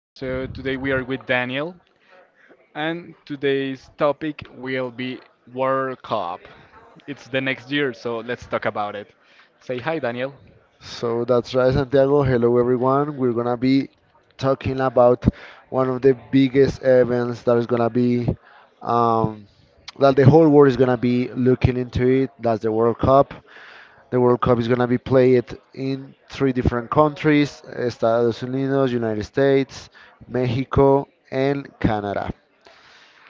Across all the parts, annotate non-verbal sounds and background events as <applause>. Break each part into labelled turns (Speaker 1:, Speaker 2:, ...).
Speaker 1: So today we are with Daniel and today's topic will be World Cup. It's the next year, so let's talk about it. Say hi Daniel.
Speaker 2: So that's right, Santiago. Hello, everyone. We're gonna be talking about one of the biggest events that is gonna be um, that the whole world is gonna be looking into it. That's the World Cup. The World Cup is gonna be played in three different countries: Estados Unidos, United States, Mexico, and Canada.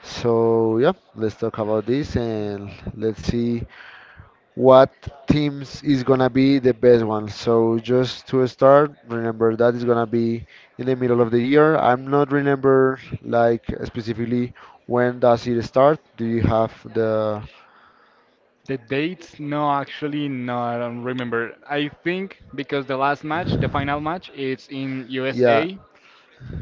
Speaker 2: So yeah, let's talk about this and let's see what teams is gonna be the best one. So just to start, remember that is gonna be in the middle of the year. I'm not remember like specifically when does it start. Do you have the
Speaker 1: The dates? No, actually no, I don't remember. I think because the last match, the final match, it's in
Speaker 2: yeah
Speaker 1: USA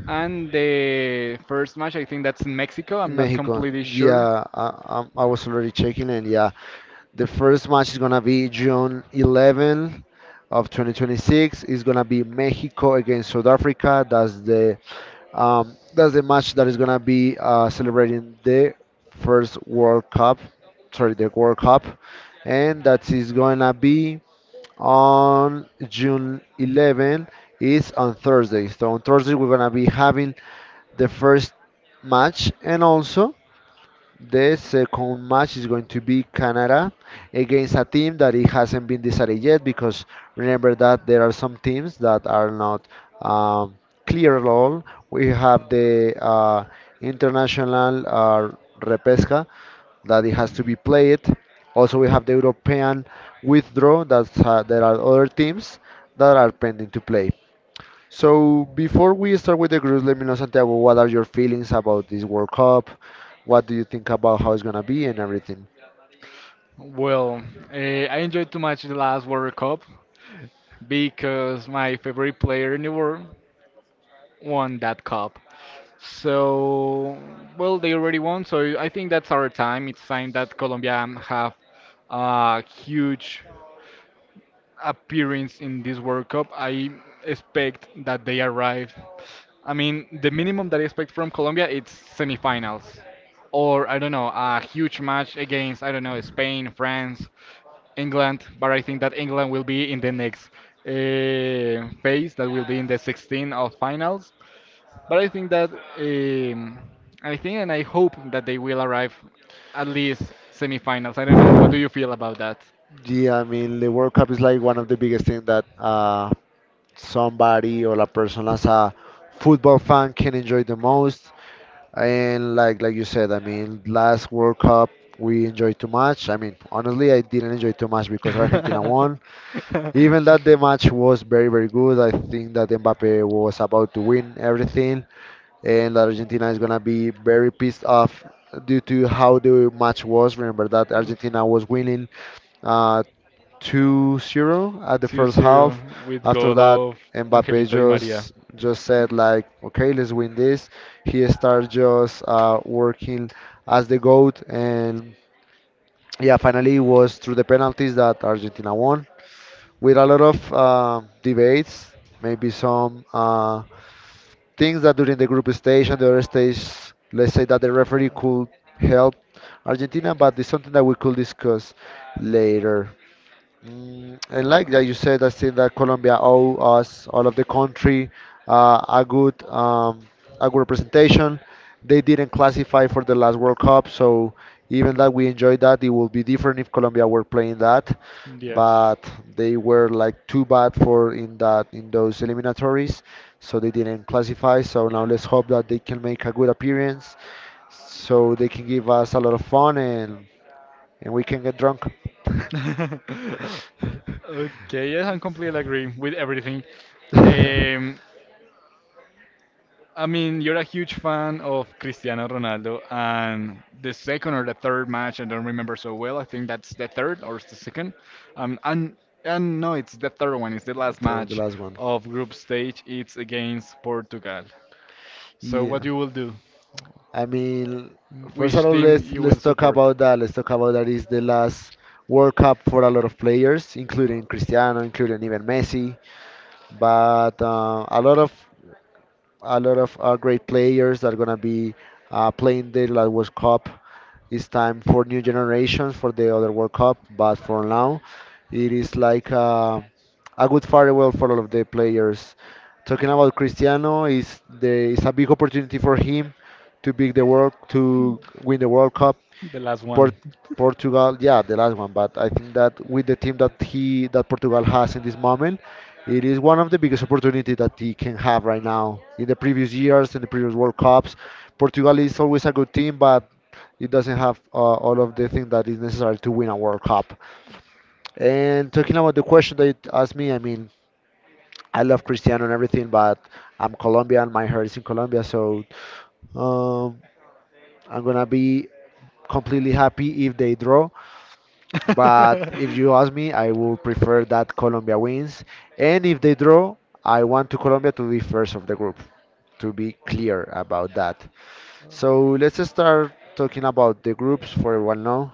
Speaker 1: and the first match I think that's in Mexico. I'm
Speaker 2: in
Speaker 1: not
Speaker 2: Mexico?
Speaker 1: completely sure.
Speaker 2: Yeah, I was already checking and yeah, the first match is gonna be June 11 of 2026. It's gonna be Mexico against South Africa. That's the match that is gonna be celebrating the first World Cup, sorry, the World Cup, and that is gonna be on June 11. It's on Thursday. So on Thursday we're gonna be having the first match, and also the second match is going to be Canada against a team that it hasn't been decided yet because remember that there are some teams that are not um, clear at all. We have the international repesca that it has to be played. Also, we have the European withdraw. That's there are other teams that are pending to play. So before we start with the groups, let me know, Santiago, what are your feelings about this World Cup? What do you think about how it's gonna be and everything?
Speaker 1: Well, I enjoyed too much the last World Cup, because my favorite player in the world won that cup. So, well, they already won. So I think that's our time. It's time that Colombia have a huge appearance in this World Cup. I expect that they arrive. I mean, the minimum that I expect from Colombia it's semifinals, or I don't know, a huge match against I don't know Spain, France, England. But I think that England will be in the next phase, that will be in the 16 of finals. But I think that um, I think and I hope that they will arrive at least semifinals. I don't know. What do you feel about that?
Speaker 2: Yeah, I mean the World Cup is like one of the biggest things that somebody or a person as a football fan can enjoy the most. And like you said, I mean last World Cup we enjoyed too much. I mean honestly, I didn't enjoy too much because Argentina
Speaker 1: <laughs>
Speaker 2: won. Even that the match was very good. I think that Mbappe was about to win everything. And that Argentina is gonna be very pissed off due to how the match was. Remember that Argentina was winning uh, 2-0 at the
Speaker 1: Two
Speaker 2: first
Speaker 1: zero
Speaker 2: half.
Speaker 1: with
Speaker 2: After
Speaker 1: goal
Speaker 2: that,
Speaker 1: of
Speaker 2: Mbappe
Speaker 1: Angelito Di Maria.
Speaker 2: just said like, okay, let's win this. He started just working as the goat, and yeah, finally it was through the penalties that Argentina won with a lot of debates, maybe some things that during the group stage and the other stage, let's say that the referee could help Argentina, but it's something that we could discuss later. And like
Speaker 1: Oh.
Speaker 2: that you said, I think that Colombia owe us, all of the country, uh, a good um, a good representation. They didn't classify for the last World Cup, so even that we enjoyed that, it would be different if Colombia were playing that.
Speaker 1: Yes.
Speaker 2: But they were like too bad for in those eliminatories, so they didn't classify. So now let's hope that they can make a good appearance, so they can give us a lot of fun and we can get drunk. <laughs>
Speaker 1: <laughs> Okay, yes, I completely agree with everything.
Speaker 2: <laughs>
Speaker 1: Um, I mean, you're a huge fan of Cristiano Ronaldo, and the second or the third match, I don't remember so well. I think that's the third or it's the second. Um, and and no, it's the third one. It's the last
Speaker 2: Throw the
Speaker 1: match
Speaker 2: last one.
Speaker 1: of group stage. It's against Portugal. So what
Speaker 2: Yeah,
Speaker 1: you will do?
Speaker 2: I mean, first of
Speaker 1: Which
Speaker 2: all,
Speaker 1: team
Speaker 2: let's
Speaker 1: you will
Speaker 2: let's talk
Speaker 1: support?
Speaker 2: about that. Let's talk about that is the last World Cup for a lot of players, including Cristiano, including even Messi. But a lot of great players that are gonna be playing the last World Cup. It's time for new generations for the other World Cup, but for now, it is like a good farewell for all of the players. Talking about Cristiano, is the there is a big opportunity for him to win the World Cup
Speaker 1: The last
Speaker 2: Port
Speaker 1: one.
Speaker 2: Portugal, yeah, the last one, but I think that with the team that he that Portugal has in this moment, it is one of the biggest opportunity that he can have right now. In the previous years, in the previous World Cups, Portugal is always a good team, but it doesn't have all of the things that is necessary to win a World Cup. And talking about the question that you asked me, I mean, I love Cristiano and everything, but I'm Colombian, my heart is in Colombia, so um, I'm gonna be completely happy if they draw. But if you ask
Speaker 1: <laughs>
Speaker 2: me, I would prefer that Colombia wins. And if they draw, I want to Colombia to be first of the group, to be clear about that. So let's start talking about the groups for everyone now.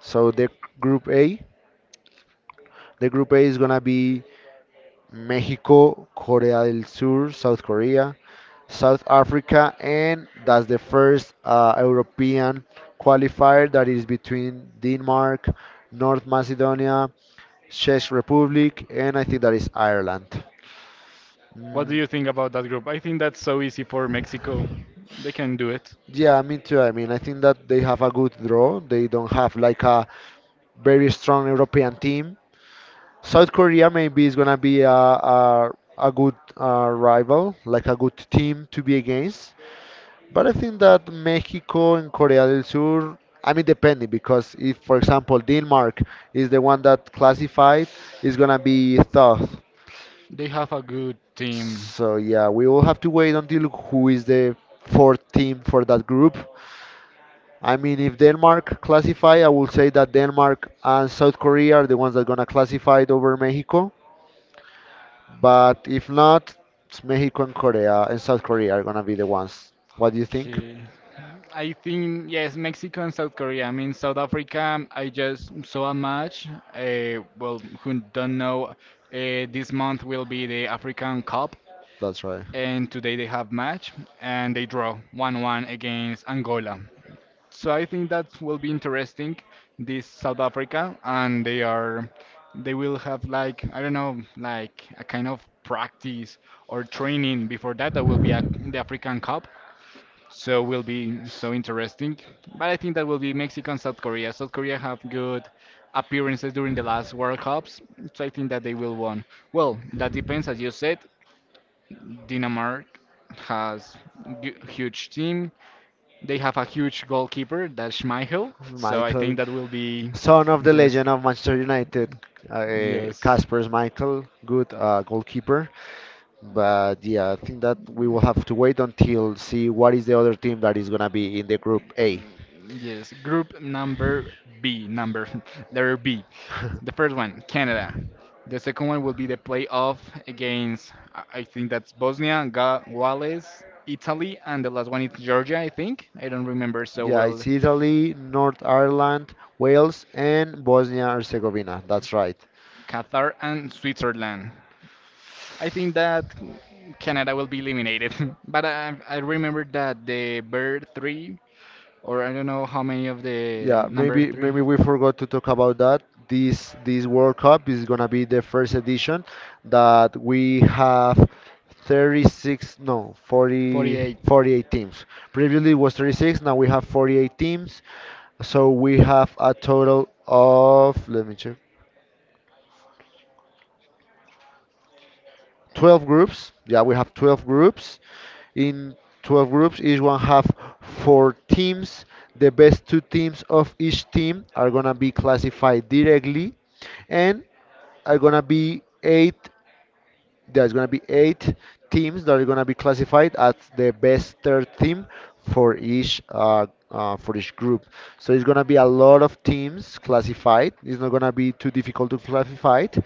Speaker 2: So the group A, the group A is gonna be Mexico, Korea del Sur, South Korea, South Africa, and that's the first European qualifier that is between Denmark, North Macedonia, Czech Republic, and I think that is Ireland.
Speaker 1: What
Speaker 2: Mm,
Speaker 1: do you think about that group? I think that's so easy for Mexico. They can do it.
Speaker 2: yeah, me too. I mean, I think that they have a good draw. They don't have like a very strong European team. South Korea maybe is gonna be a good rival, like a good team to be against. But I think that Mexico and Korea del Sur, I mean, depending, because if, for example, Denmark is the one that classified, it's gonna be tough.
Speaker 1: They have a good team.
Speaker 2: So yeah, we will have to wait until who is the fourth team for that group. I mean, if Denmark classify, I will say that Denmark and South Korea are the ones that gonna classify it over Mexico. But if not, it's Mexico and Korea and South Korea are gonna be the ones. What do you think?
Speaker 1: Okay. I think yes, Mexico and South Korea. I mean, South Africa. I just saw a match. Well, who don't know, this month will be the African Cup,
Speaker 2: That's right.
Speaker 1: and today they have match, and they draw one-one against Angola. So I think that will be interesting. This South Africa, and they are, they will have like I don't know, like a kind of practice or training before that. That will be a, the African Cup, so will be so interesting. But I think that will be Mexico and South Korea. South Korea have good appearances during the last World Cups, so I think that they will win. Well, that depends, as you said. Denmark has huge team. They have a huge goalkeeper, that's Schmeichel. So I
Speaker 2: Michael
Speaker 1: think that will be
Speaker 2: Son of the
Speaker 1: interesting.
Speaker 2: legend of Manchester United,
Speaker 1: Yes.
Speaker 2: Casper Michael, good goalkeeper. But yeah, I think that we will have to wait until see what is the other team that is gonna be in the group A.
Speaker 1: Yes, group number B, number <laughs> letter B. The first one, Canada. The second one will be the playoff against, I think that's Bosnia, Ga Wales, Italy, and the last one is Georgia, I think. I don't remember so
Speaker 2: Yeah,
Speaker 1: well.
Speaker 2: it's Italy, North Ireland, Wales, and Bosnia Herzegovina. That's right.
Speaker 1: Qatar and Switzerland. I think that Canada will be eliminated, <laughs> but I remember that the bird three, or I don't know how many of the
Speaker 2: Yeah,
Speaker 1: number
Speaker 2: maybe
Speaker 1: three,
Speaker 2: maybe we forgot to talk about that. This World Cup is gonna be the first edition that we have 36 no 40
Speaker 1: 48.
Speaker 2: 48 teams. Previously it was 36, now we have 48 teams. So we have a total of let me check. 12 groups. Yeah, we have 12 groups. In 12 groups, each one have four teams. The best two teams of each team are gonna be classified directly, and are gonna be eight there's going to be eight teams that are going to be classified as the best third team for each group. So it's going to be a lot of teams classified. It's not going to be too difficult to classify it,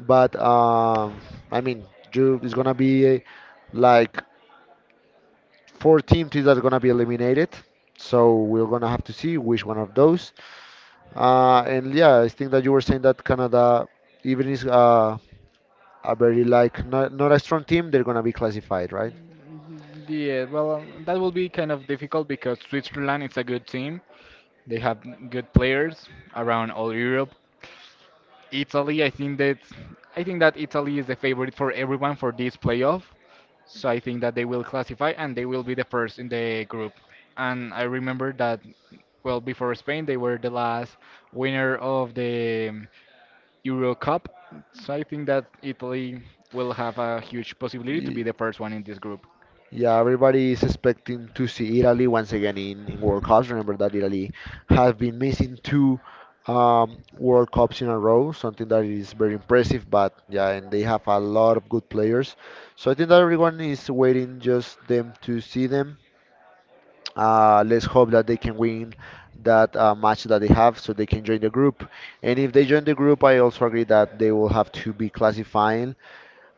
Speaker 2: but I mean, it's going to be like four teams that are going to be eliminated. So we're going to have to see which one of those. And yeah, I think that you were saying that Canada, even is a very like not a strong team, they're gonna be classified, right?
Speaker 1: Mm-hmm. Yeah, well, that will be kind of difficult because Switzerland is a good team. They have good players around all Europe. Italy, I think that Italy is the favorite for everyone for this playoff. So I think that they will classify and they will be the first in the group. And I remember that well before Spain they were the last winner of the Euro Cup. So I think that Italy will have a huge possibility to be
Speaker 2: Y-
Speaker 1: the first one in this group.
Speaker 2: Yeah, everybody is expecting to see Italy once again in World Cups. Remember that Italy have been missing two World Cups in a row, something that is very impressive. But yeah, and they have a lot of good players, so I think that everyone is waiting just them to see them. Let's hope that they can win that match that they have, so they can join the group. And if they join the group, I also agree that they will have to be classifying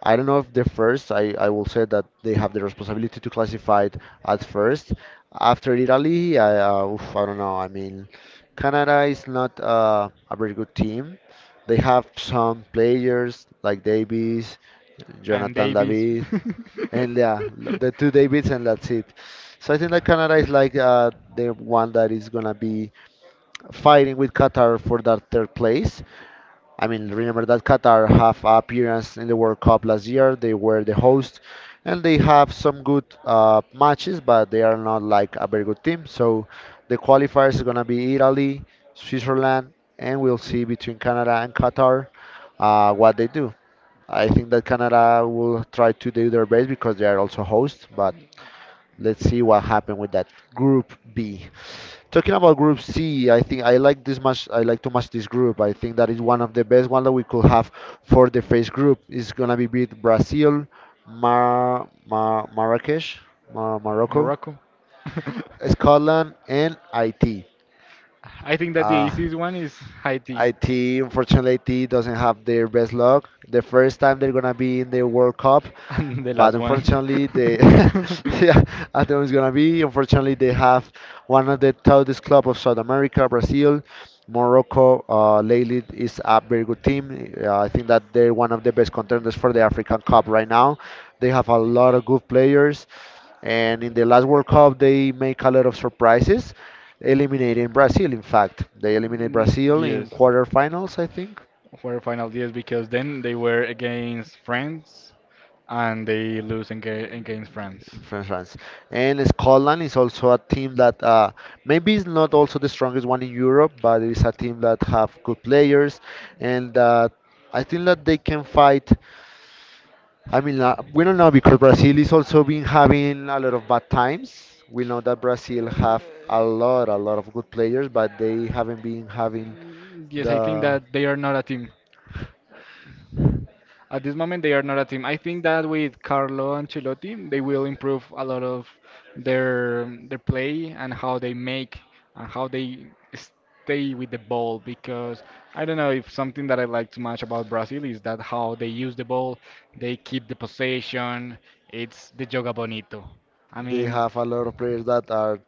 Speaker 2: I don't know if they're first. I will say that they have the responsibility to classify it at first. After Italy, oof, I don't know. I mean, Canada is not a very good team. They have some players like Davies,
Speaker 1: And
Speaker 2: Jonathan
Speaker 1: Davies.
Speaker 2: David, and yeah, the two Davids, and that's it.
Speaker 1: <laughs>
Speaker 2: So I think that Canada is like the one that is gonna be fighting with Qatar for that third place. I mean, remember that Qatar have appearance in the World Cup last year. They were the host, and they have some good matches, but they are not like a very good team. So the qualifiers are gonna be Italy, Switzerland, and we'll see between Canada and Qatar what they do. I think that Canada will try to do their best because they are also host, but let's see what happens with that Group B. Talking about Group C, I think I like this much. I like to match this group. I think that is one of the best one that we could have for the first group. It's gonna be with Brazil, Marrakesh, Mar Morocco,
Speaker 1: Morocco. <laughs>
Speaker 2: Scotland, and IT.
Speaker 1: I think that the
Speaker 2: Uh,
Speaker 1: easiest one is Haiti. <laughs>
Speaker 2: IT, unfortunately, IT doesn't have their best luck. The first time they're gonna be in the World Cup,
Speaker 1: And the last
Speaker 2: but
Speaker 1: one.
Speaker 2: unfortunately, they <laughs> yeah,
Speaker 1: <laughs>
Speaker 2: I think it's gonna be. Unfortunately, they have one of the toughest club of South America, Brazil. Morocco lately is a very good team. I think that they're one of the best contenders for the African Cup right now. They have a lot of good players. And in the last World Cup, they make a lot of surprises, eliminating Brazil. In fact, they eliminate
Speaker 1: Mm,
Speaker 2: Brazil
Speaker 1: yes.
Speaker 2: in quarterfinals, I think,
Speaker 1: For final yes, because then they were against France and they lose against France.
Speaker 2: in France. And Scotland is also a team that maybe is not also the strongest one in Europe, but it is a team that have good players and that I think that they can fight. We don't know because Brazil is also been having a lot of bad times. We know that Brazil have a lot of good players, but they haven't been having
Speaker 1: Yes, I think
Speaker 2: the.
Speaker 1: that they are not a team. At this moment, they are not a team. I think that with Carlo Ancelotti, they will improve a lot of their play and how they make and how they stay with the ball. Because I don't know, if something that I like too much about Brazil is that how they use the ball, they keep the possession. It's the joga bonito. I
Speaker 2: They
Speaker 1: mean,
Speaker 2: have a lot of players that are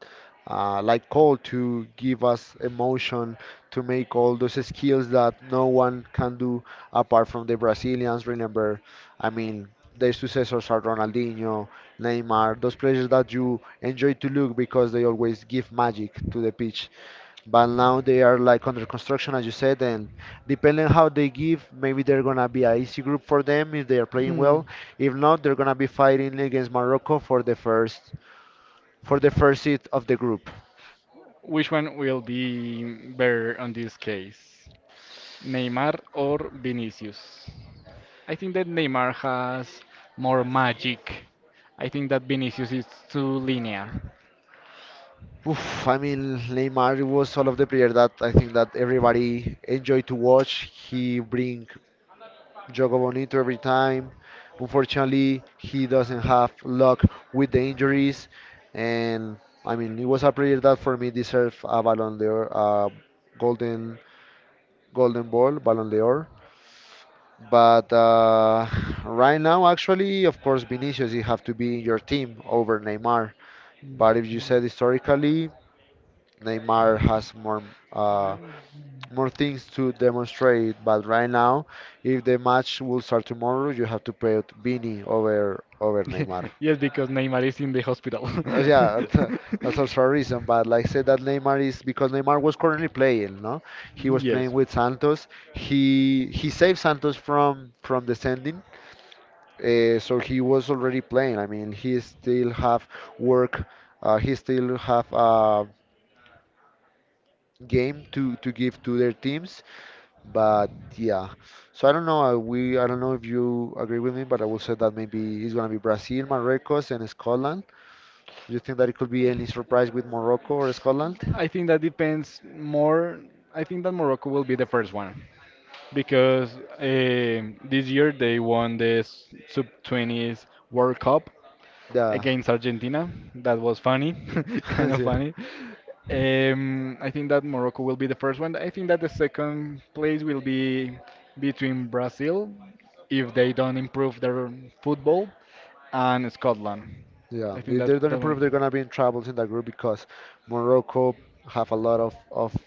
Speaker 2: like called to give us emotion, to make all those skills that no one can do apart from the Brazilians. Remember, I mean, their successors are Ronaldinho, Neymar, those players that you enjoy to look because they always give magic to the pitch. But now they are like under construction as you said, and depending how they give, maybe they're gonna be a easy group for them if they are playing
Speaker 1: hmm,
Speaker 2: well. If not, they're gonna be fighting against Morocco for the first, for the first seat of the group.
Speaker 1: which one will be better on this case? Neymar or Vinicius? I think that Neymar has more magic. I think that Vinicius is too linear.
Speaker 2: Oof, I mean, Neymar was all of the player that I think that everybody enjoyed to watch. He bring Jogo Bonito every time. Unfortunately, he doesn't have luck with the injuries, and I mean it was a player that for me deserved a Ballon d'Or, a golden golden ball, Ballon d'Or. But <laughs> right now, actually, of course, Vinicius, you have to be in your team over Neymar. But if you said historically, Neymar has more uh, more things to demonstrate. But right now, if the match will start tomorrow, you have to put Vini over Neymar.
Speaker 1: <laughs> Yes, because Neymar is in the hospital. <laughs>
Speaker 2: Yeah, <laughs> that's also a reason. But like I said, that Neymar is because Neymar was currently playing. No, he was playing
Speaker 1: Yes.
Speaker 2: with Santos. He saved Santos from descending. So he was already playing. I mean, he still have work. He still have game to give to their teams. But yeah, so I don't know. I don't know if you agree with me, but I will say that maybe it's gonna be Brazil, Marruecos, and Scotland. Do you think that it could be any surprise with Morocco or Scotland?
Speaker 1: I think that depends more. I think that Morocco will be the first one, because this year they won the sub 20s World Cup
Speaker 2: Yeah,
Speaker 1: against Argentina. That was funny, <laughs> kind
Speaker 2: <laughs>
Speaker 1: of
Speaker 2: yeah,
Speaker 1: funny. I think that Morocco will be the first one. I think that the second place will be between Brazil, if they don't improve their football, and Scotland.
Speaker 2: yeah.
Speaker 1: I think
Speaker 2: If
Speaker 1: that
Speaker 2: they don't
Speaker 1: that one.
Speaker 2: improve, they're gonna be in troubles in that group because Morocco have a lot of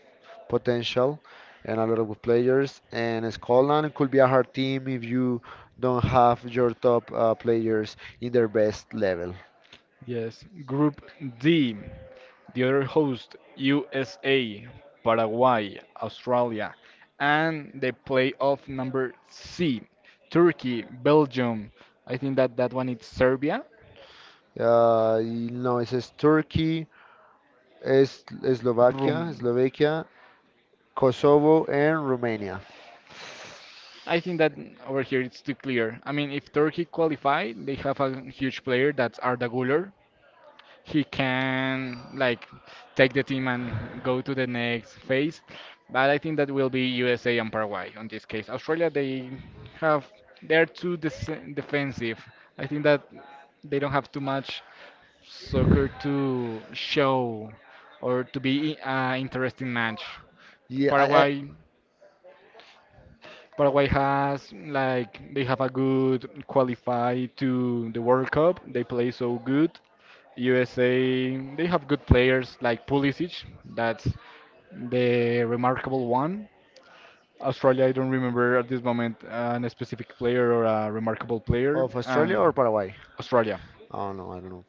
Speaker 2: potential and a lot of good players, and Scotland could be a hard team if you don't have your top players in their best level.
Speaker 1: Yes. Group D, the other host, USA, Paraguay, Australia, and the playoff number C, Turkey, Belgium. I think that that one is Serbia.
Speaker 2: No, it says Turkey, es Slovakia,
Speaker 1: Room.
Speaker 2: Slovakia, Kosovo, and Romania.
Speaker 1: I think that over here it's too clear. I mean, if Turkey qualify, they have a huge player that's Arda Güler. He can like take the team and go to the next phase. But I think that will be USA and Paraguay on this case. Australia, they have they're too defensive. I think that they don't have too much soccer to show or to be an interesting match.
Speaker 2: Yeah, I, I,
Speaker 1: Paraguay Paraguay has like they have a good qualify to the World Cup. They play so good. USA, they have good players like Pulisic, that's the remarkable one. Australia, I don't remember at this moment an specific player or a remarkable player,
Speaker 2: of Australia
Speaker 1: and
Speaker 2: or Paraguay?
Speaker 1: Australia.
Speaker 2: Oh no, I don't know.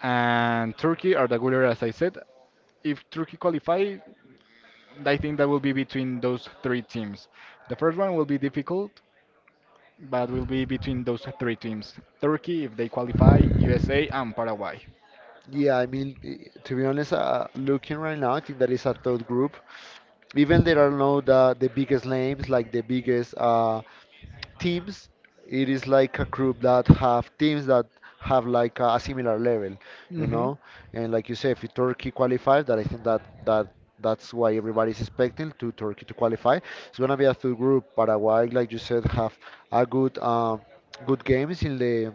Speaker 1: And Turkey are the winner, as I said. If Turkey qualify, I think that will be between those three teams. The first one will be difficult, but will be between those three teams. Turkey, if they qualify, USA, and Paraguay.
Speaker 2: Yeah, I mean, to be honest, looking right now, I think that is a third group. Even there are no the biggest names, like the biggest teams, it is like a group that have teams that have like a similar level, you
Speaker 1: Mm-hmm. Like
Speaker 2: know. And like you say, if Turkey qualifies, that I think that that's why everybody's expecting to Turkey to qualify. It's going to be a third group. Paraguay, like you said, have a good good games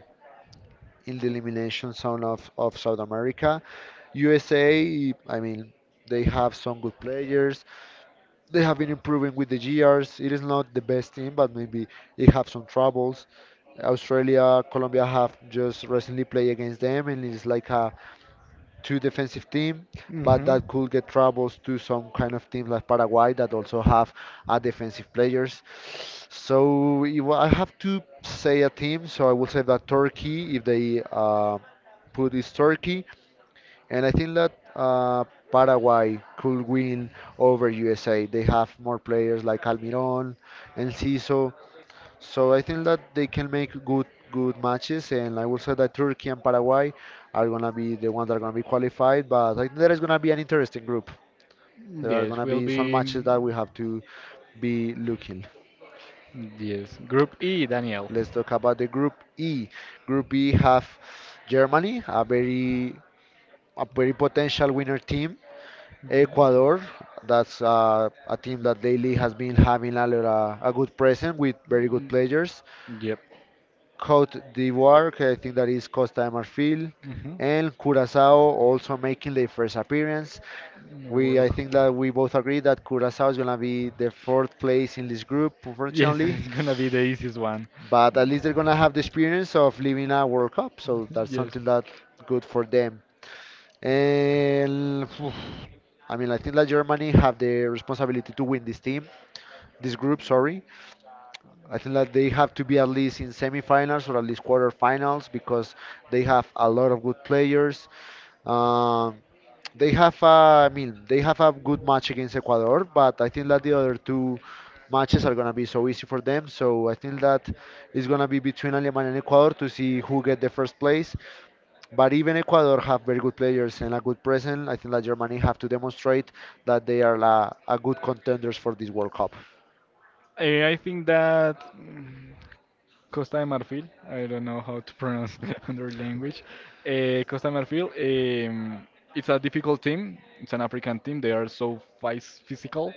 Speaker 2: in the elimination zone of South America. USA, I mean, they have some good players. They have been improving with the years. It is not the best team, but maybe it have some troubles. Australia, Colombia have just recently played against them, and it's like a two defensive team, but
Speaker 1: Mm-hmm.
Speaker 2: that could get troubles to some kind of team like Paraguay that also have a defensive players. So if I have to say a team, so I will say that Turkey, if they put is Turkey, and I think that Paraguay could win over USA. They have more players like Almiron and Ciso. So I think that they can make good matches. And I will say that Turkey and Paraguay are going to be the ones that are going to be qualified. But I think there is going to be an interesting group. There are going
Speaker 1: Yes,
Speaker 2: to
Speaker 1: will
Speaker 2: be some
Speaker 1: be.
Speaker 2: matches that
Speaker 1: That
Speaker 2: we have to be looking.
Speaker 1: Yes, Group E, Daniel.
Speaker 2: Let's talk about the Group E. Group E have Germany, a very potential winner team. Ecuador, that's a team that lately has been having lot, a good presence with very good
Speaker 1: Mm,
Speaker 2: players.
Speaker 1: yep.
Speaker 2: Cote d'Ivoire, I think that is Costa de Marfil,
Speaker 1: Mm-hmm.
Speaker 2: and Curacao also making their first appearance. I think that we both agree that Curacao is gonna be the fourth place in this group,
Speaker 1: Yes, <laughs>
Speaker 2: unfortunately,
Speaker 1: it's gonna be the easiest one.
Speaker 2: but at least
Speaker 1: <laughs>
Speaker 2: they're gonna have the experience of living a World Cup, so that's
Speaker 1: Yes.
Speaker 2: something that good for them. And phew, I mean, I think that Germany have the responsibility to win this team, this group. Sorry, I think that they have to be at least in semifinals or at least quarterfinals because they have a lot of good players. Um, they have, I mean, they have a good match against Ecuador, but I think that the other two matches are gonna be so easy for them. So I think that it's gonna be between Alemania and Ecuador to see who get the first place, but even Ecuador have very good players and a good presence. I think that Germany have to demonstrate that they are a good contenders for this World Cup.
Speaker 1: I think that. Mm, Costa de Marfil. I don't know how to pronounce <laughs> their language. Costa de Marfil. Um, it's a difficult team. It's an African team. They are so physical.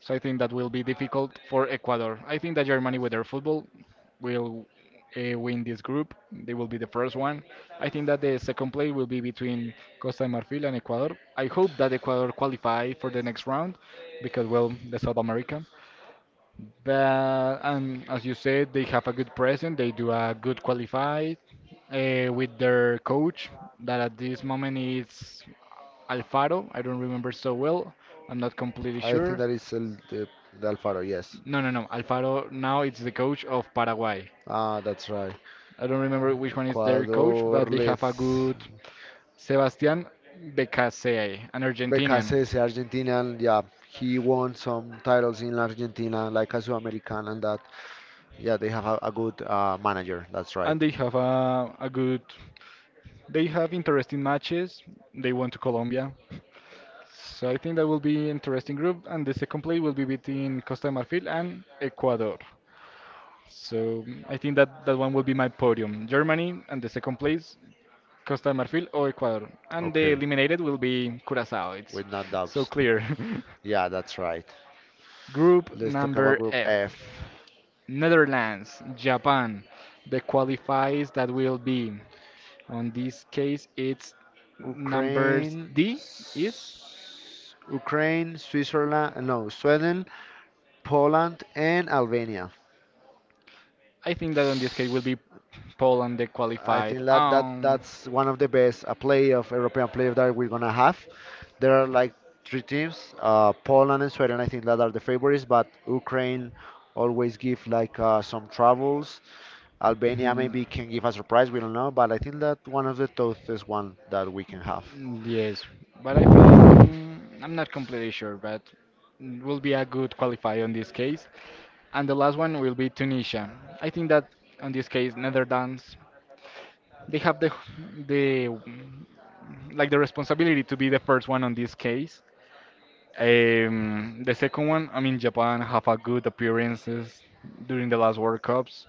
Speaker 1: So I think that will be difficult for Ecuador. I think that Germany, with their football, will win this group. They will be the first one. I think that the second play will be between Costa de Marfil and Ecuador. I hope that Ecuador qualify for the next round because, well, the South America. But and as you said, they have a good present. They do a good qualify with their coach that at this moment is Alfaro. I don't remember so well. I'm not completely
Speaker 2: I think
Speaker 1: sure.
Speaker 2: that is the Alfaro, yes.
Speaker 1: No, no, no. Alfaro now it's the coach of Paraguay.
Speaker 2: Ah, that's right.
Speaker 1: I don't remember which one is their coach,
Speaker 2: Ecuador,
Speaker 1: but they have a
Speaker 2: let's.
Speaker 1: good Sebastián Becasey, an Argentinian,
Speaker 2: BKCS, Argentina, yeah, he won some titles in Argentina, like a American and that. Yeah, they have a good manager. That's right.
Speaker 1: and they have a good. They have interesting matches. They went to Colombia. So I think that will be interesting group, and the second play will be between Costa de Marfil and Ecuador. So mm, I think that that one will be my podium. Germany and the second place, Costa de Marfil or Ecuador, and the
Speaker 2: Okay,
Speaker 1: eliminated will be Curacao. It's
Speaker 2: with no
Speaker 1: so
Speaker 2: doubts.
Speaker 1: clear.
Speaker 2: Yeah, that's right.
Speaker 1: <laughs> Group
Speaker 2: Let's talk about
Speaker 1: number
Speaker 2: Group
Speaker 1: F.
Speaker 2: F.
Speaker 1: Netherlands, Japan. The qualifiers that will be on this case it's numbers
Speaker 2: Ukraine,
Speaker 1: D is
Speaker 2: Ukraine, Switzerland, no, Sweden, Poland, and Albania.
Speaker 1: I think that on this case will be Poland that
Speaker 2: I
Speaker 1: qualified.
Speaker 2: think that, that's one of the best playoff European playoff that we're gonna have. There are like three teams, Poland and Sweden. I think that are the favorites, but Ukraine always give like some troubles. Albania
Speaker 1: Mhm,
Speaker 2: maybe can give a surprise. We don't know, but I think that one of the toughest one that we can have.
Speaker 1: yes, but I think I'm not completely sure, but will be a good qualifier on this case. And the last one will be Tunisia. I think that on this case, Netherlands, they have the like the responsibility to be the first one on this case. The second one, I mean, Japan have a good appearances during the last World Cups.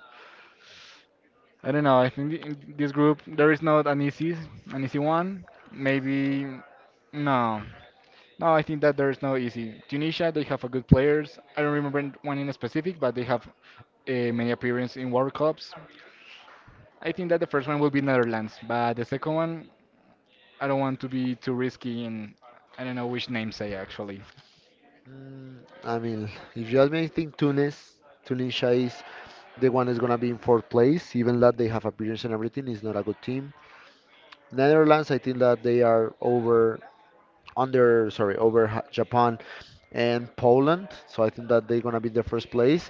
Speaker 1: I don't know. I think in this group there is not an easy one. Maybe no, no. I think that there is no easy. Tunisia, they have a good players. I don't remember one in specific, but they have many appearances in World Cups. I think that the first one will be Netherlands, but the second one, I don't want to be too risky, and I don't know which name say actually.
Speaker 2: Mm, I mean, if you ask me, I think Tunis, Tunisia is the one is gonna be in fourth place, even that they have appearance and everything is not a good team. Netherlands, I think that they are over under sorry over Japan and Poland, so I think that they're gonna be the first place.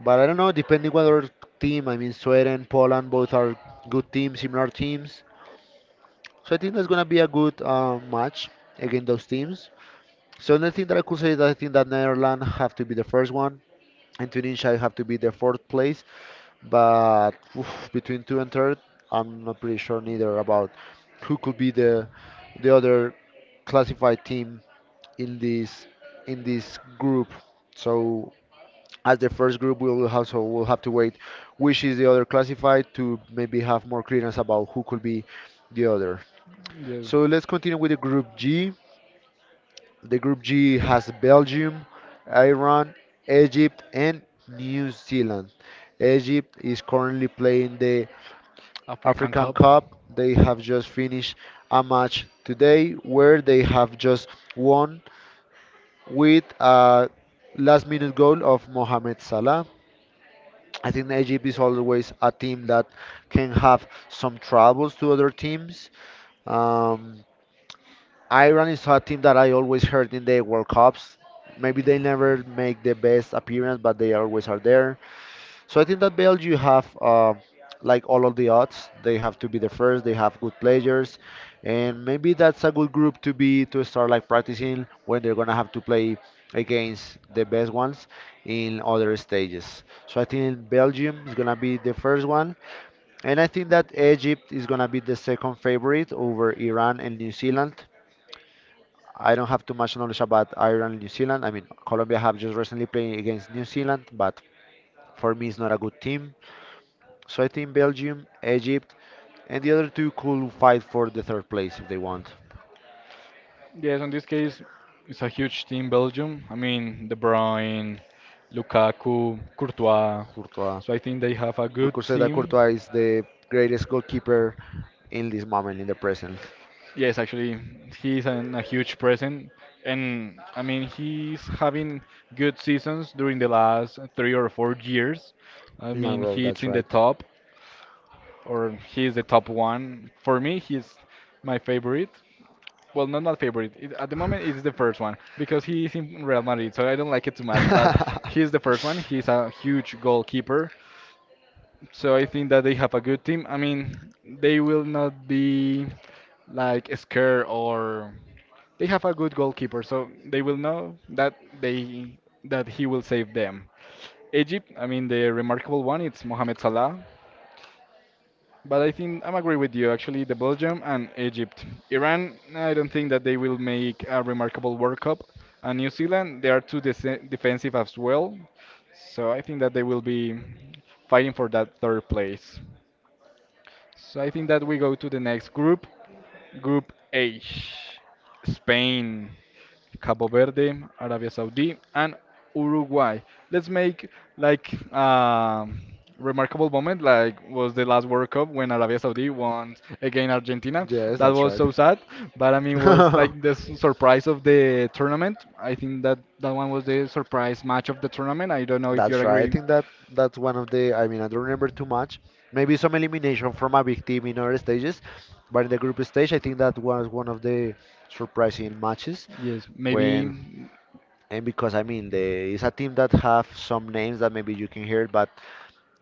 Speaker 2: But I don't know, depending whether team, I mean Sweden, Poland, both are good teams, similar teams. So I think that's gonna be a good match against those teams. So the thing that I could say is that I think that Netherlands have to be the first one, and Tunisia I have to be the fourth place, but oof, between two and third, I'm not pretty sure neither about who could be the other classified team in this in this group. So as the first group, we will have so we'll have to wait which is the other classified to maybe have more clearance about who could be the other.
Speaker 1: Yes.
Speaker 2: So let's continue with the group G. The group G has Belgium, Iran, Egypt, and New Zealand. Egypt is currently playing the
Speaker 1: African
Speaker 2: African
Speaker 1: Cup.
Speaker 2: Cup. They have just finished a match today where they have just won with a last minute goal of Mohamed Salah. I think Egypt is always a team that can have some troubles to other teams. Um, Iran is a team that I always heard in the World Cups. Maybe they never make the best appearance, but they always are there. So I think that Belgium have like all of the odds. They have to be the first. They have good players, and maybe that's a good group to be to start like practicing when they're gonna have to play against the best ones in other stages. So I think Belgium is gonna be the first one, and I think that Egypt is gonna be the second favorite over Iran and New Zealand. I don't have too much knowledge about Ireland and New Zealand. I mean, Colombia have just recently played against New Zealand, but for me, it's not a good team. So I think Belgium, Egypt, and the other two could fight for the third place if they want.
Speaker 1: Yes, in this case, it's a huge team, Belgium. I mean, De Bruyne, Lukaku, Courtois.
Speaker 2: Courtois.
Speaker 1: So I think they have a
Speaker 2: We
Speaker 1: good
Speaker 2: could say that
Speaker 1: team.
Speaker 2: Courtois is the greatest goalkeeper in this moment, in the present.
Speaker 1: Yes, actually, he's an, a huge present, and I mean he's having good seasons during the last 3 or 4 years. I
Speaker 2: Milan
Speaker 1: mean
Speaker 2: Road,
Speaker 1: he's
Speaker 2: that's
Speaker 1: in the
Speaker 2: right.
Speaker 1: top, or he is the top one. For me, he's my favorite. Well, not my favorite. It, at the moment, it's the first one because he is in Real Madrid, so I don't like it too much. But he's the
Speaker 2: <laughs>
Speaker 1: first one. He's a huge goalkeeper, so I think that they have a good team. I mean, they will not be like scared or they have a good goalkeeper, so they will know that they that he will save them. Egypt, I mean, the remarkable one, it's Mohamed Salah. But I think I'm agree with you. Actually, the Belgium and Egypt, Iran. I don't think that they will make a remarkable World Cup. And New Zealand, they are too defensive as well. So I think that they will be fighting for that third place. So I think that we go to the next group, Group H, Spain, Cabo Verde, Arabia Saudi, and Uruguay. Let's make like um remarkable moment, like was the last World Cup when Arabia Saudi won against Argentina.
Speaker 2: Yes,
Speaker 1: That
Speaker 2: that's
Speaker 1: was
Speaker 2: right.
Speaker 1: so sad, but I mean was
Speaker 2: <laughs>
Speaker 1: like the surprise of the tournament. I think that that one was the surprise match of the tournament. I don't know if you
Speaker 2: That's right. I
Speaker 1: agree.
Speaker 2: think that that's one of the. I mean, I don't remember too much. Maybe some elimination from a big team in other stages, but in the group stage, I think that was one of the surprising matches.
Speaker 1: Yes,
Speaker 2: When
Speaker 1: maybe.
Speaker 2: and because I mean, the it's a team that have some names that maybe you can hear, but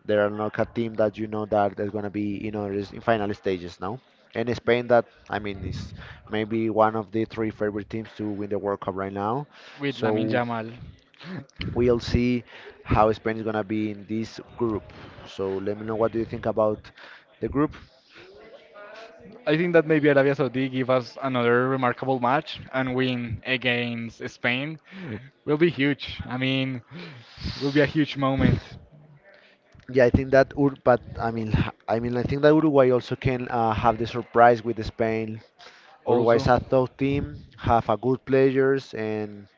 Speaker 2: there are not a team that that is going to be, is in final stages now. And Spain, that, I mean, is maybe one of the three favorite teams to win the World Cup right now.
Speaker 1: With Lamin
Speaker 2: So
Speaker 1: Jamal. <laughs>
Speaker 2: we'll see how Spain is going to be in this group. So let me know what do you think about the group.
Speaker 1: I think that maybe Arabia Saudi give us another remarkable match and win against Spain will be huge. I mean, will be a huge moment
Speaker 2: Yeah, I think that Ur but I mean, <laughs> I mean, I think that Uruguay also can have the surprise with Spain. Uruguay is
Speaker 1: also.
Speaker 2: a tough team, have a good players, and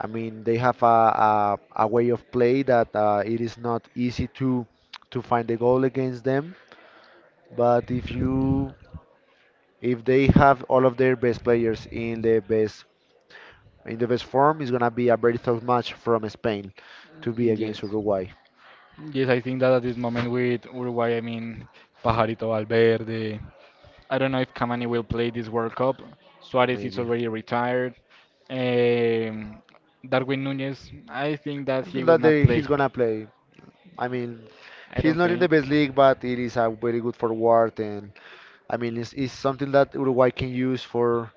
Speaker 2: I mean, they have a way of play that it is not easy to find the goal against them. But if they have all of their best players in the best form, it's gonna be a very tough match from Spain to be against
Speaker 1: Yes.
Speaker 2: Uruguay,
Speaker 1: Yes, I think that at this moment with Uruguay, I mean, Pajarito Valverde, I don't know if Cavani will play this World Cup. Suarez is
Speaker 2: maybe.
Speaker 1: already retired. Um, Darwin Nunez, I think that
Speaker 2: I
Speaker 1: he
Speaker 2: think
Speaker 1: will
Speaker 2: that
Speaker 1: not play.
Speaker 2: he's gonna play. I mean,
Speaker 1: I
Speaker 2: he's
Speaker 1: don't
Speaker 2: not in the
Speaker 1: think.
Speaker 2: best league, but it is a very good forward, and I mean, it's something that Uruguay can use for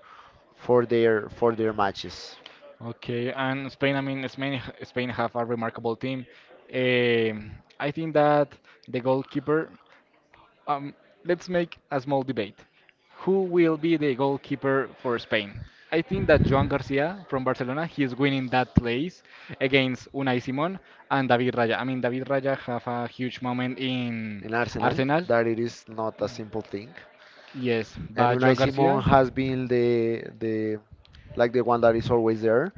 Speaker 2: for their matches.
Speaker 1: Okay, and Spain, I mean, Spain have a remarkable team. Um, I think that the goalkeeper Um, let's make a small debate. Who will be the goalkeeper for Spain? I think that Joan Garcia from Barcelona, he is winning that place against Unai Simon and David Raya. I mean, David Raya have a huge moment in
Speaker 2: In Arsenal,
Speaker 1: Arsenal.
Speaker 2: that it is not a simple thing.
Speaker 1: Yes,
Speaker 2: And
Speaker 1: but
Speaker 2: Unai
Speaker 1: Joan
Speaker 2: Simon
Speaker 1: Garcia,
Speaker 2: has been the like the one that is always there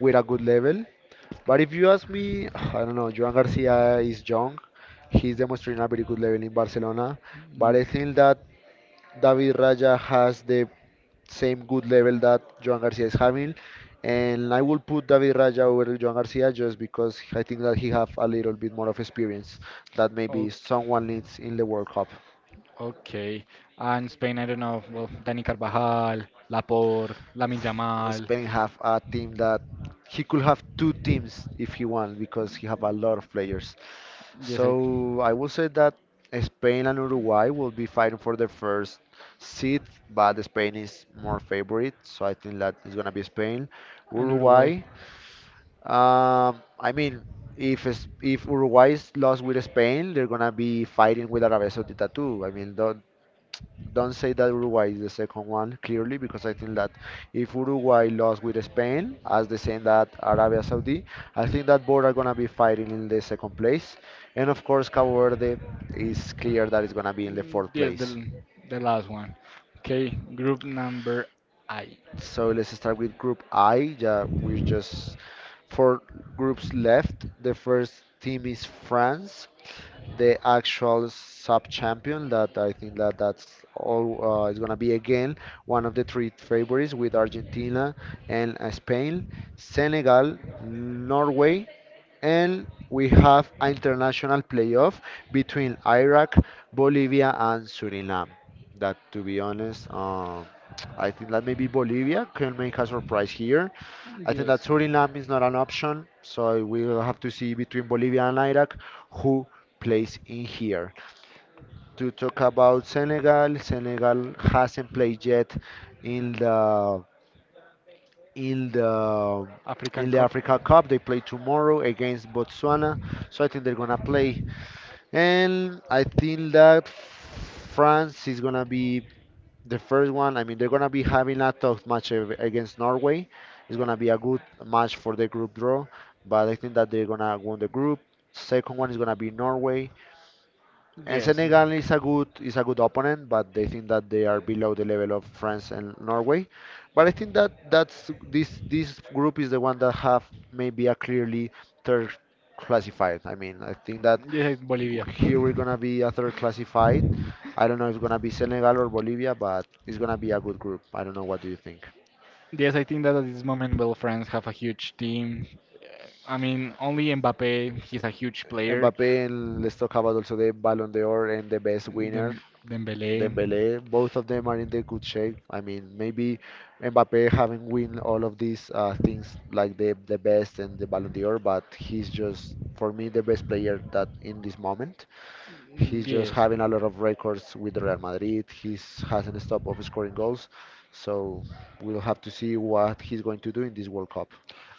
Speaker 2: with a good level. But if you ask me, <sighs> I don't know, Joan Garcia is young. He's demonstrating a very good level in Barcelona. But I think that David Raya has the same good level that Joan Garcia is having. And I will put David Raya over Joan Garcia just because I think that he have a little
Speaker 1: mm.
Speaker 2: bit more of experience that
Speaker 1: O-
Speaker 2: maybe someone needs in the World Cup.
Speaker 1: okay. And Spain, I don't know. Well, Dani Carvajal, Laporte, Lamin Yamal.
Speaker 2: Spain have a team that he could have two teams if he want because he have a lot of players.
Speaker 1: Yes, I.
Speaker 2: So I would say that Spain and Uruguay will be fighting for the first seat, but Spain is more favorite, so I think that it's gonna be Spain.
Speaker 1: And Uruguay.
Speaker 2: Uruguay, I mean, if Uruguay is lost with Spain, they're gonna be fighting with Arabia Saudita too. I mean, don't say that Uruguay is the second one, clearly, because I think that if Uruguay lost with Spain, as the same that Arabia Saudi, I think that both are going to be fighting in the second place. And of course, Cabo Verde is clear that it's going to be in the
Speaker 1: Mm,
Speaker 2: fourth
Speaker 1: yes, the
Speaker 2: place.
Speaker 1: the last one. Okay, group number I.
Speaker 2: So let's start with group I. Yeah, we're just four groups left. The first team is France, the actual sub-champion. That I think that that's all is gonna be again one of the three favorites with Argentina and Spain, Senegal, Norway, and we have an international playoff between Iraq, Bolivia, and Suriname. That, to be honest, I think that maybe Bolivia can make a surprise here. I think that
Speaker 1: Yes.
Speaker 2: Suriname is not an option, so we'll have to see between Bolivia and Iraq who plays in here. To talk about Senegal, Senegal hasn't played yet in the in the
Speaker 1: African
Speaker 2: in the
Speaker 1: Cup.
Speaker 2: Africa Cup. They play tomorrow against Botswana, so I think they're gonna play. And I think that France is gonna be the first one. I mean, they're gonna be having a tough match against Norway. It's gonna be a good match for the group draw, but I think that they're gonna win the group. Second one is gonna be Norway. And
Speaker 1: Yes.
Speaker 2: Senegal is a good opponent, but they think that they are below the level of France and Norway. But I think that that's this group is the one that have maybe a clearly third
Speaker 1: Yes.
Speaker 2: classified. I mean, I think that
Speaker 1: Yeah, Bolivia.
Speaker 2: here we're gonna be a third
Speaker 1: <laughs>
Speaker 2: classified. I don't know if it's gonna be Senegal or Bolivia, but it's gonna be a good group. I don't know what do you think.
Speaker 1: Yes, I think that at this moment, well, France have a huge team. I mean, only Mbappe, he's a huge player.
Speaker 2: Mbappe, and let's talk about also the Ballon d'Or and the best
Speaker 1: Dem
Speaker 2: winner.
Speaker 1: Dembele.
Speaker 2: Dembele, both of them are in the good shape. I mean, maybe Mbappe haven't win all of these things like the best and the Ballon d'Or, but he's just for me the best player that in this moment. He's just
Speaker 1: Yes.
Speaker 2: having a lot of records with Real Madrid. He's hasn't stopped of scoring goals, so we'll have to see what he's going to do in this World Cup.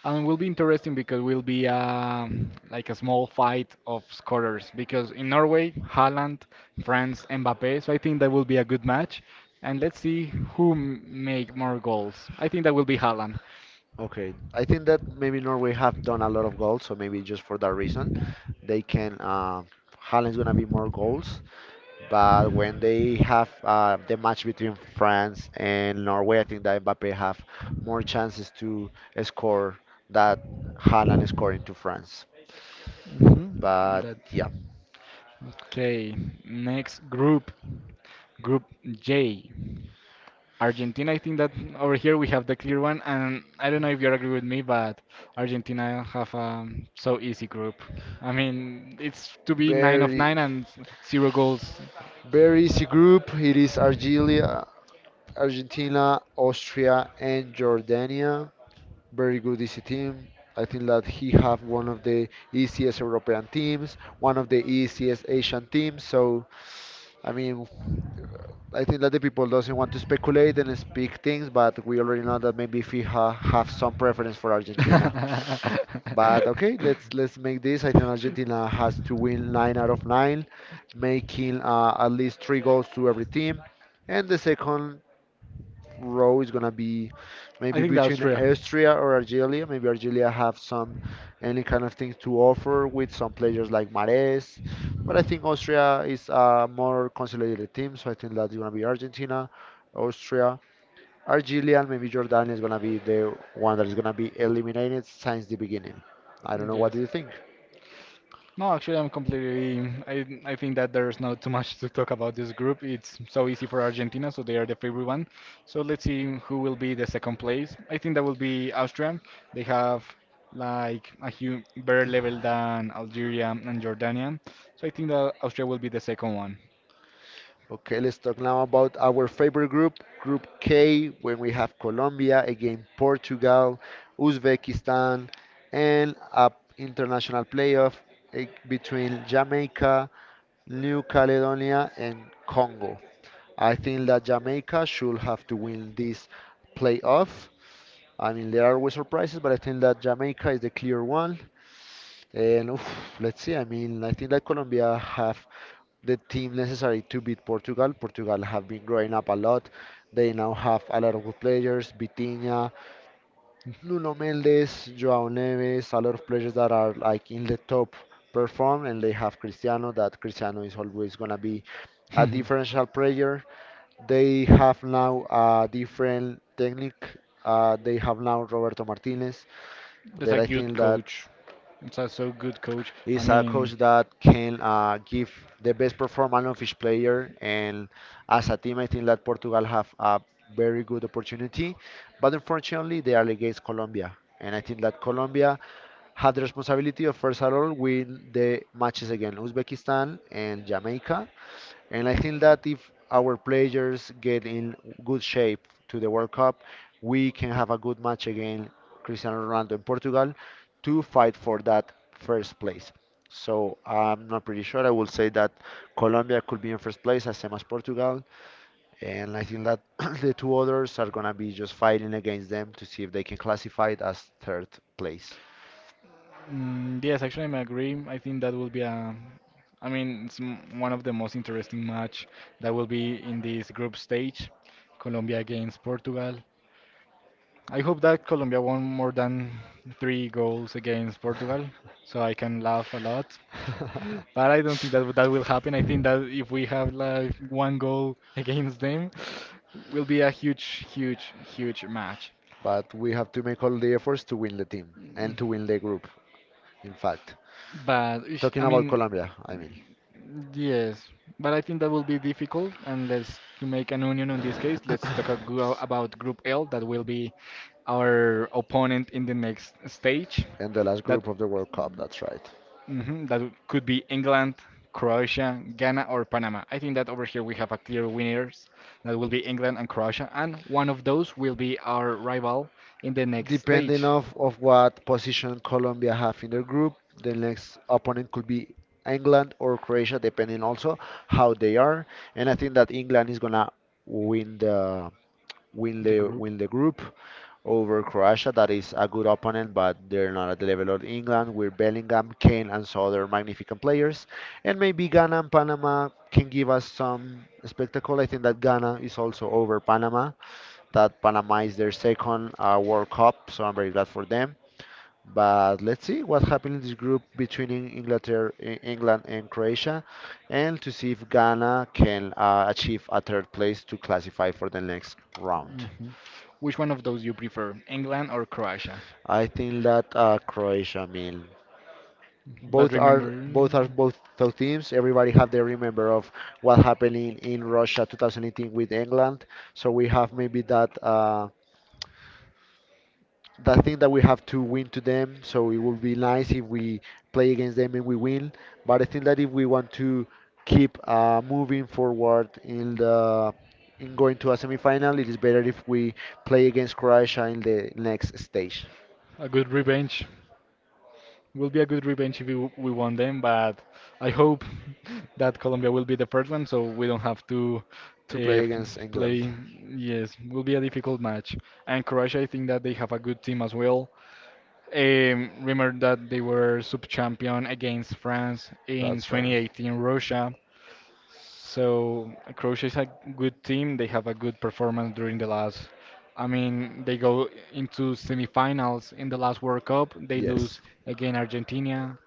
Speaker 1: And will be interesting because will be like a small fight of scorers because in Norway, Haaland, France, Mbappe. So I think that will be a good match. And let's see who make more goals. I think that will be Haaland.
Speaker 2: Okay, I think that maybe Norway have done a lot of goals, so maybe just for that reason, they can. Haaland's gonna be more goals. But when they have the match between France and Norway, I think that Mbappe have more chances to score that Haaland scoring to France.
Speaker 1: Mhm,
Speaker 2: But
Speaker 1: that-
Speaker 2: yeah,
Speaker 1: Okay, next group, Group J. Argentina, I think that over here we have the clear one, and I don't know if you agree with me, but Argentina have a so easy group. I mean, it's to be nine of
Speaker 2: very
Speaker 1: nine and zero goals.
Speaker 2: very easy group. It is Argelia, Argentina, Austria, and Jordania. Very good easy team. I think that he have one of the easiest European teams, one of the easiest Asian teams. So, I mean, I think that the people doesn't want to speculate and speak things, but we already know that maybe FIFA have some preference for Argentina.
Speaker 1: <laughs>
Speaker 2: But okay, let's make this. I think Argentina has to win 9 out of 9, making at least three goals to every team. And the second row is gonna be
Speaker 1: I
Speaker 2: maybe
Speaker 1: think the
Speaker 2: between
Speaker 1: Austria.
Speaker 2: Austria or Algeria. Maybe Algeria
Speaker 1: So
Speaker 2: have some any
Speaker 1: very
Speaker 2: kind of
Speaker 1: connected
Speaker 2: things
Speaker 1: to
Speaker 2: to
Speaker 1: offer
Speaker 2: offer
Speaker 1: with
Speaker 2: with some
Speaker 1: some
Speaker 2: players
Speaker 1: players like
Speaker 2: like Mares. But I think Austria is a more consolidated team, so I think that's gonna be Argentina, Austria, Algeria, and maybe Jordan is gonna be the one that is gonna be eliminated since the beginning. I don't know. What
Speaker 1: yes.
Speaker 2: do you think?
Speaker 1: No, actually, I'm completely. I think that there's not too much to talk about this group. It's so easy for Argentina, so they are the favorite one. So let's see who will be the second place. I think that will be Austria. They have like a hu better level than Algeria and Jordania. So I think that Austria will be the second one.
Speaker 2: Okay, let's talk now about our favorite group, Group K, when we have Colombia, again Portugal, Uzbekistan, and a international playoff between Jamaica, New Caledonia, and Congo. I think that Jamaica should have to win this playoff. I mean, there are always surprises, but I think that Jamaica is the clear one. And oof, let's see. I mean, I think that Colombia have the team necessary to beat Portugal. Portugal have been growing up a lot. They now have a lot of good players, Vitinha, Nuno Mendes, João Neves, a lot of players that are like in the top perform and they have Cristiano that Cristiano is always going to be a differential
Speaker 1: <laughs>
Speaker 2: player. They have now a different technique. They have now Roberto Martinez
Speaker 1: That's
Speaker 2: that
Speaker 1: a
Speaker 2: I
Speaker 1: good
Speaker 2: think that
Speaker 1: coach. It's a so good coach. I
Speaker 2: is a coach
Speaker 1: mean,
Speaker 2: that can give the best performance of each player. And as a team, I think that Portugal have a very good opportunity, but unfortunately, they are against Colombia. And I think that Colombia had the responsibility of first of all win the matches against Uzbekistan and Jamaica, and I think that if our players get in good shape to the World Cup, we can have a good match against Cristiano Ronaldo in Portugal to fight for that first place. So I'm not pretty sure. I will say that Colombia could be in first place, as same as Portugal. And I think that <clears throat> the two others are gonna be just fighting against them to see if they can classify it as third place.
Speaker 1: mm, yes, actually, I agree. I think that will be a. I mean, it's one of the most interesting match that will be in this group stage, Colombia against Portugal. I hope that Colombia won more than three goals against Portugal, so I can laugh a lot. <laughs> But I don't
Speaker 2: <laughs>
Speaker 1: think that that will happen. I think that if we have like one goal <laughs> against them, will be a huge, huge, huge match.
Speaker 2: But we have to make all the efforts to win the team and to win the group, in fact.
Speaker 1: But ish,
Speaker 2: Talking
Speaker 1: I
Speaker 2: about
Speaker 1: mean,
Speaker 2: Colombia, I mean.
Speaker 1: yes, but I think that will be difficult unless to make an union on this case. Let's talk a
Speaker 2: <coughs>
Speaker 1: about Group L, that will be our opponent in the next stage.
Speaker 2: And the last
Speaker 1: That
Speaker 2: group of the World Cup, that's right.
Speaker 1: mhm, that could be England, Croatia, Ghana, or Panama. I think that over here we have a clear winners. That will be England and Croatia, and one of those will be our rival in the next
Speaker 2: Depending
Speaker 1: stage,
Speaker 2: of what position Colombia have in their group, the next opponent could be England or Croatia, depending also how they are. And I think that England is gonna win the
Speaker 1: the group.
Speaker 2: win the group over Croatia, that is a good opponent, but they're not at the level of England. With Bellingham, Kane, and some other magnificent players, and maybe Ghana and Panama can give us some spectacle. I think that Ghana is also over Panama. That Panama is their second World Cup, so I'm very glad for them. But let's see what happened in this group between Inglaterra, England and Croatia, and to see if Ghana can achieve a third place to classify for the next round.
Speaker 1: Mm-hmm. Which one of those you prefer, England or Croatia?
Speaker 2: I think that Croatia. I mean,
Speaker 1: But remember, mm,
Speaker 2: both those teams. Everybody have the remember of what happened in Russia 2018 with England. So we have maybe that that thing that we have to win to them. So it would be nice if we play against them and we win. But I think that if we want to keep moving forward in the in going to a semifinal, it is better if we play against Croatia in the next stage
Speaker 1: a good revenge will be a good revenge if we won them. But I hope <laughs> that Colombia will be the first one, so we don't have to
Speaker 2: to
Speaker 1: uh,
Speaker 2: play
Speaker 1: f-
Speaker 2: against England.
Speaker 1: play. Yes, will be a difficult match. And Croatia, I think that they have a good team as well. Remember that they were sub champion against France in
Speaker 2: That's right.
Speaker 1: 2018 Russia. So Croatia is a good team. They have a good performance during the last. I mean, they go into semifinals in the last World Cup. They
Speaker 2: Yes.
Speaker 1: lose again Argentina.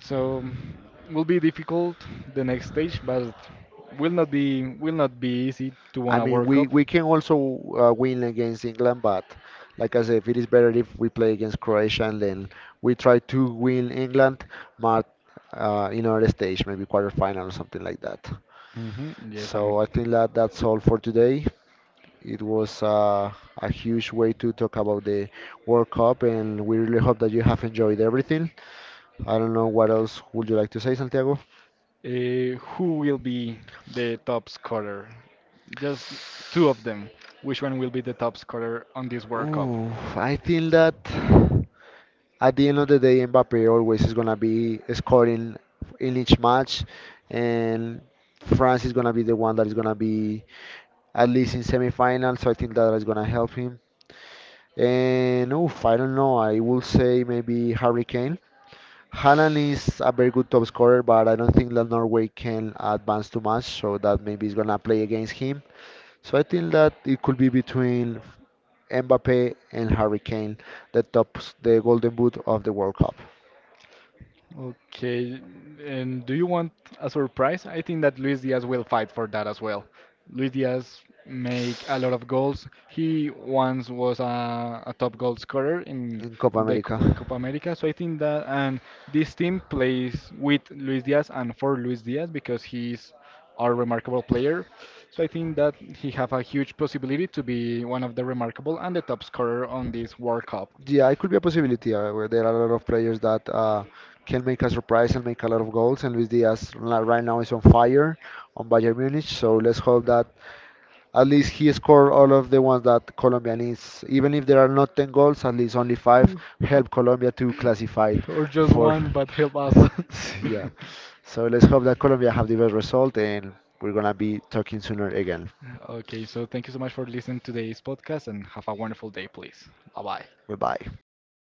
Speaker 1: So will be difficult the next stage, but will not be easy to
Speaker 2: I
Speaker 1: win a
Speaker 2: mean,
Speaker 1: World Cup.
Speaker 2: we can also win against England, but like I said, it is better if we play against Croatia and then we try to win England, but in another stage, maybe quarterfinal or something like that.
Speaker 1: Hmm, yes, I'm.
Speaker 2: So I think that that's all for today. It was a huge way to talk about the World Cup, and we really hope that you have enjoyed everything. I don't know what else would you like to say, Santiago?
Speaker 1: Who will be the top scorer? Just two of them. Which one will be the top scorer on this World Cup?
Speaker 2: Ooh, I think that at the end of the day, Mbappe always is gonna be scoring in each match, and France is gonna be the one that is gonna be at least in semifinals. So I think that is gonna help him. And oof, I don't know. I will say maybe Harry Kane. Haaland is a very good top scorer, but I don't think that Norway can advance too much, so that maybe is gonna play against him. So I think that it could be between Mbappe and Harry Kane, the top, the Golden Boot of the World Cup.
Speaker 1: Okay, and do you want a surprise? I think that Luis Diaz will fight for that as well. Luis Diaz make a lot of goals. He once was a top goal scorer in
Speaker 2: In Copa
Speaker 1: the
Speaker 2: America.
Speaker 1: Copa America, so I think that and this team plays with Luis Diaz and for Luis Diaz because he's a remarkable player. So I think that he have a huge possibility to be one of the remarkable and the top scorer on this World Cup.
Speaker 2: Yeah, it could be a possibility where there are a lot of players that can make a surprise and make a lot of goals. And Luis Diaz right now is on fire on Bayern Munich, so let's hope that at least he scored all of the ones that Colombia needs. Even if there are not 10 goals, at least only 5 help Colombia to classify it
Speaker 1: <laughs> <laughs> or just
Speaker 2: for.
Speaker 1: one, but help
Speaker 2: <laughs>
Speaker 1: us. <laughs>
Speaker 2: Yeah, so let's hope that Colombia have the best result, and we're gonna be talking sooner again.
Speaker 1: Okay, so thank you so much for listening to today's podcast and have a wonderful day, please. Bye bye.
Speaker 2: Goodbye.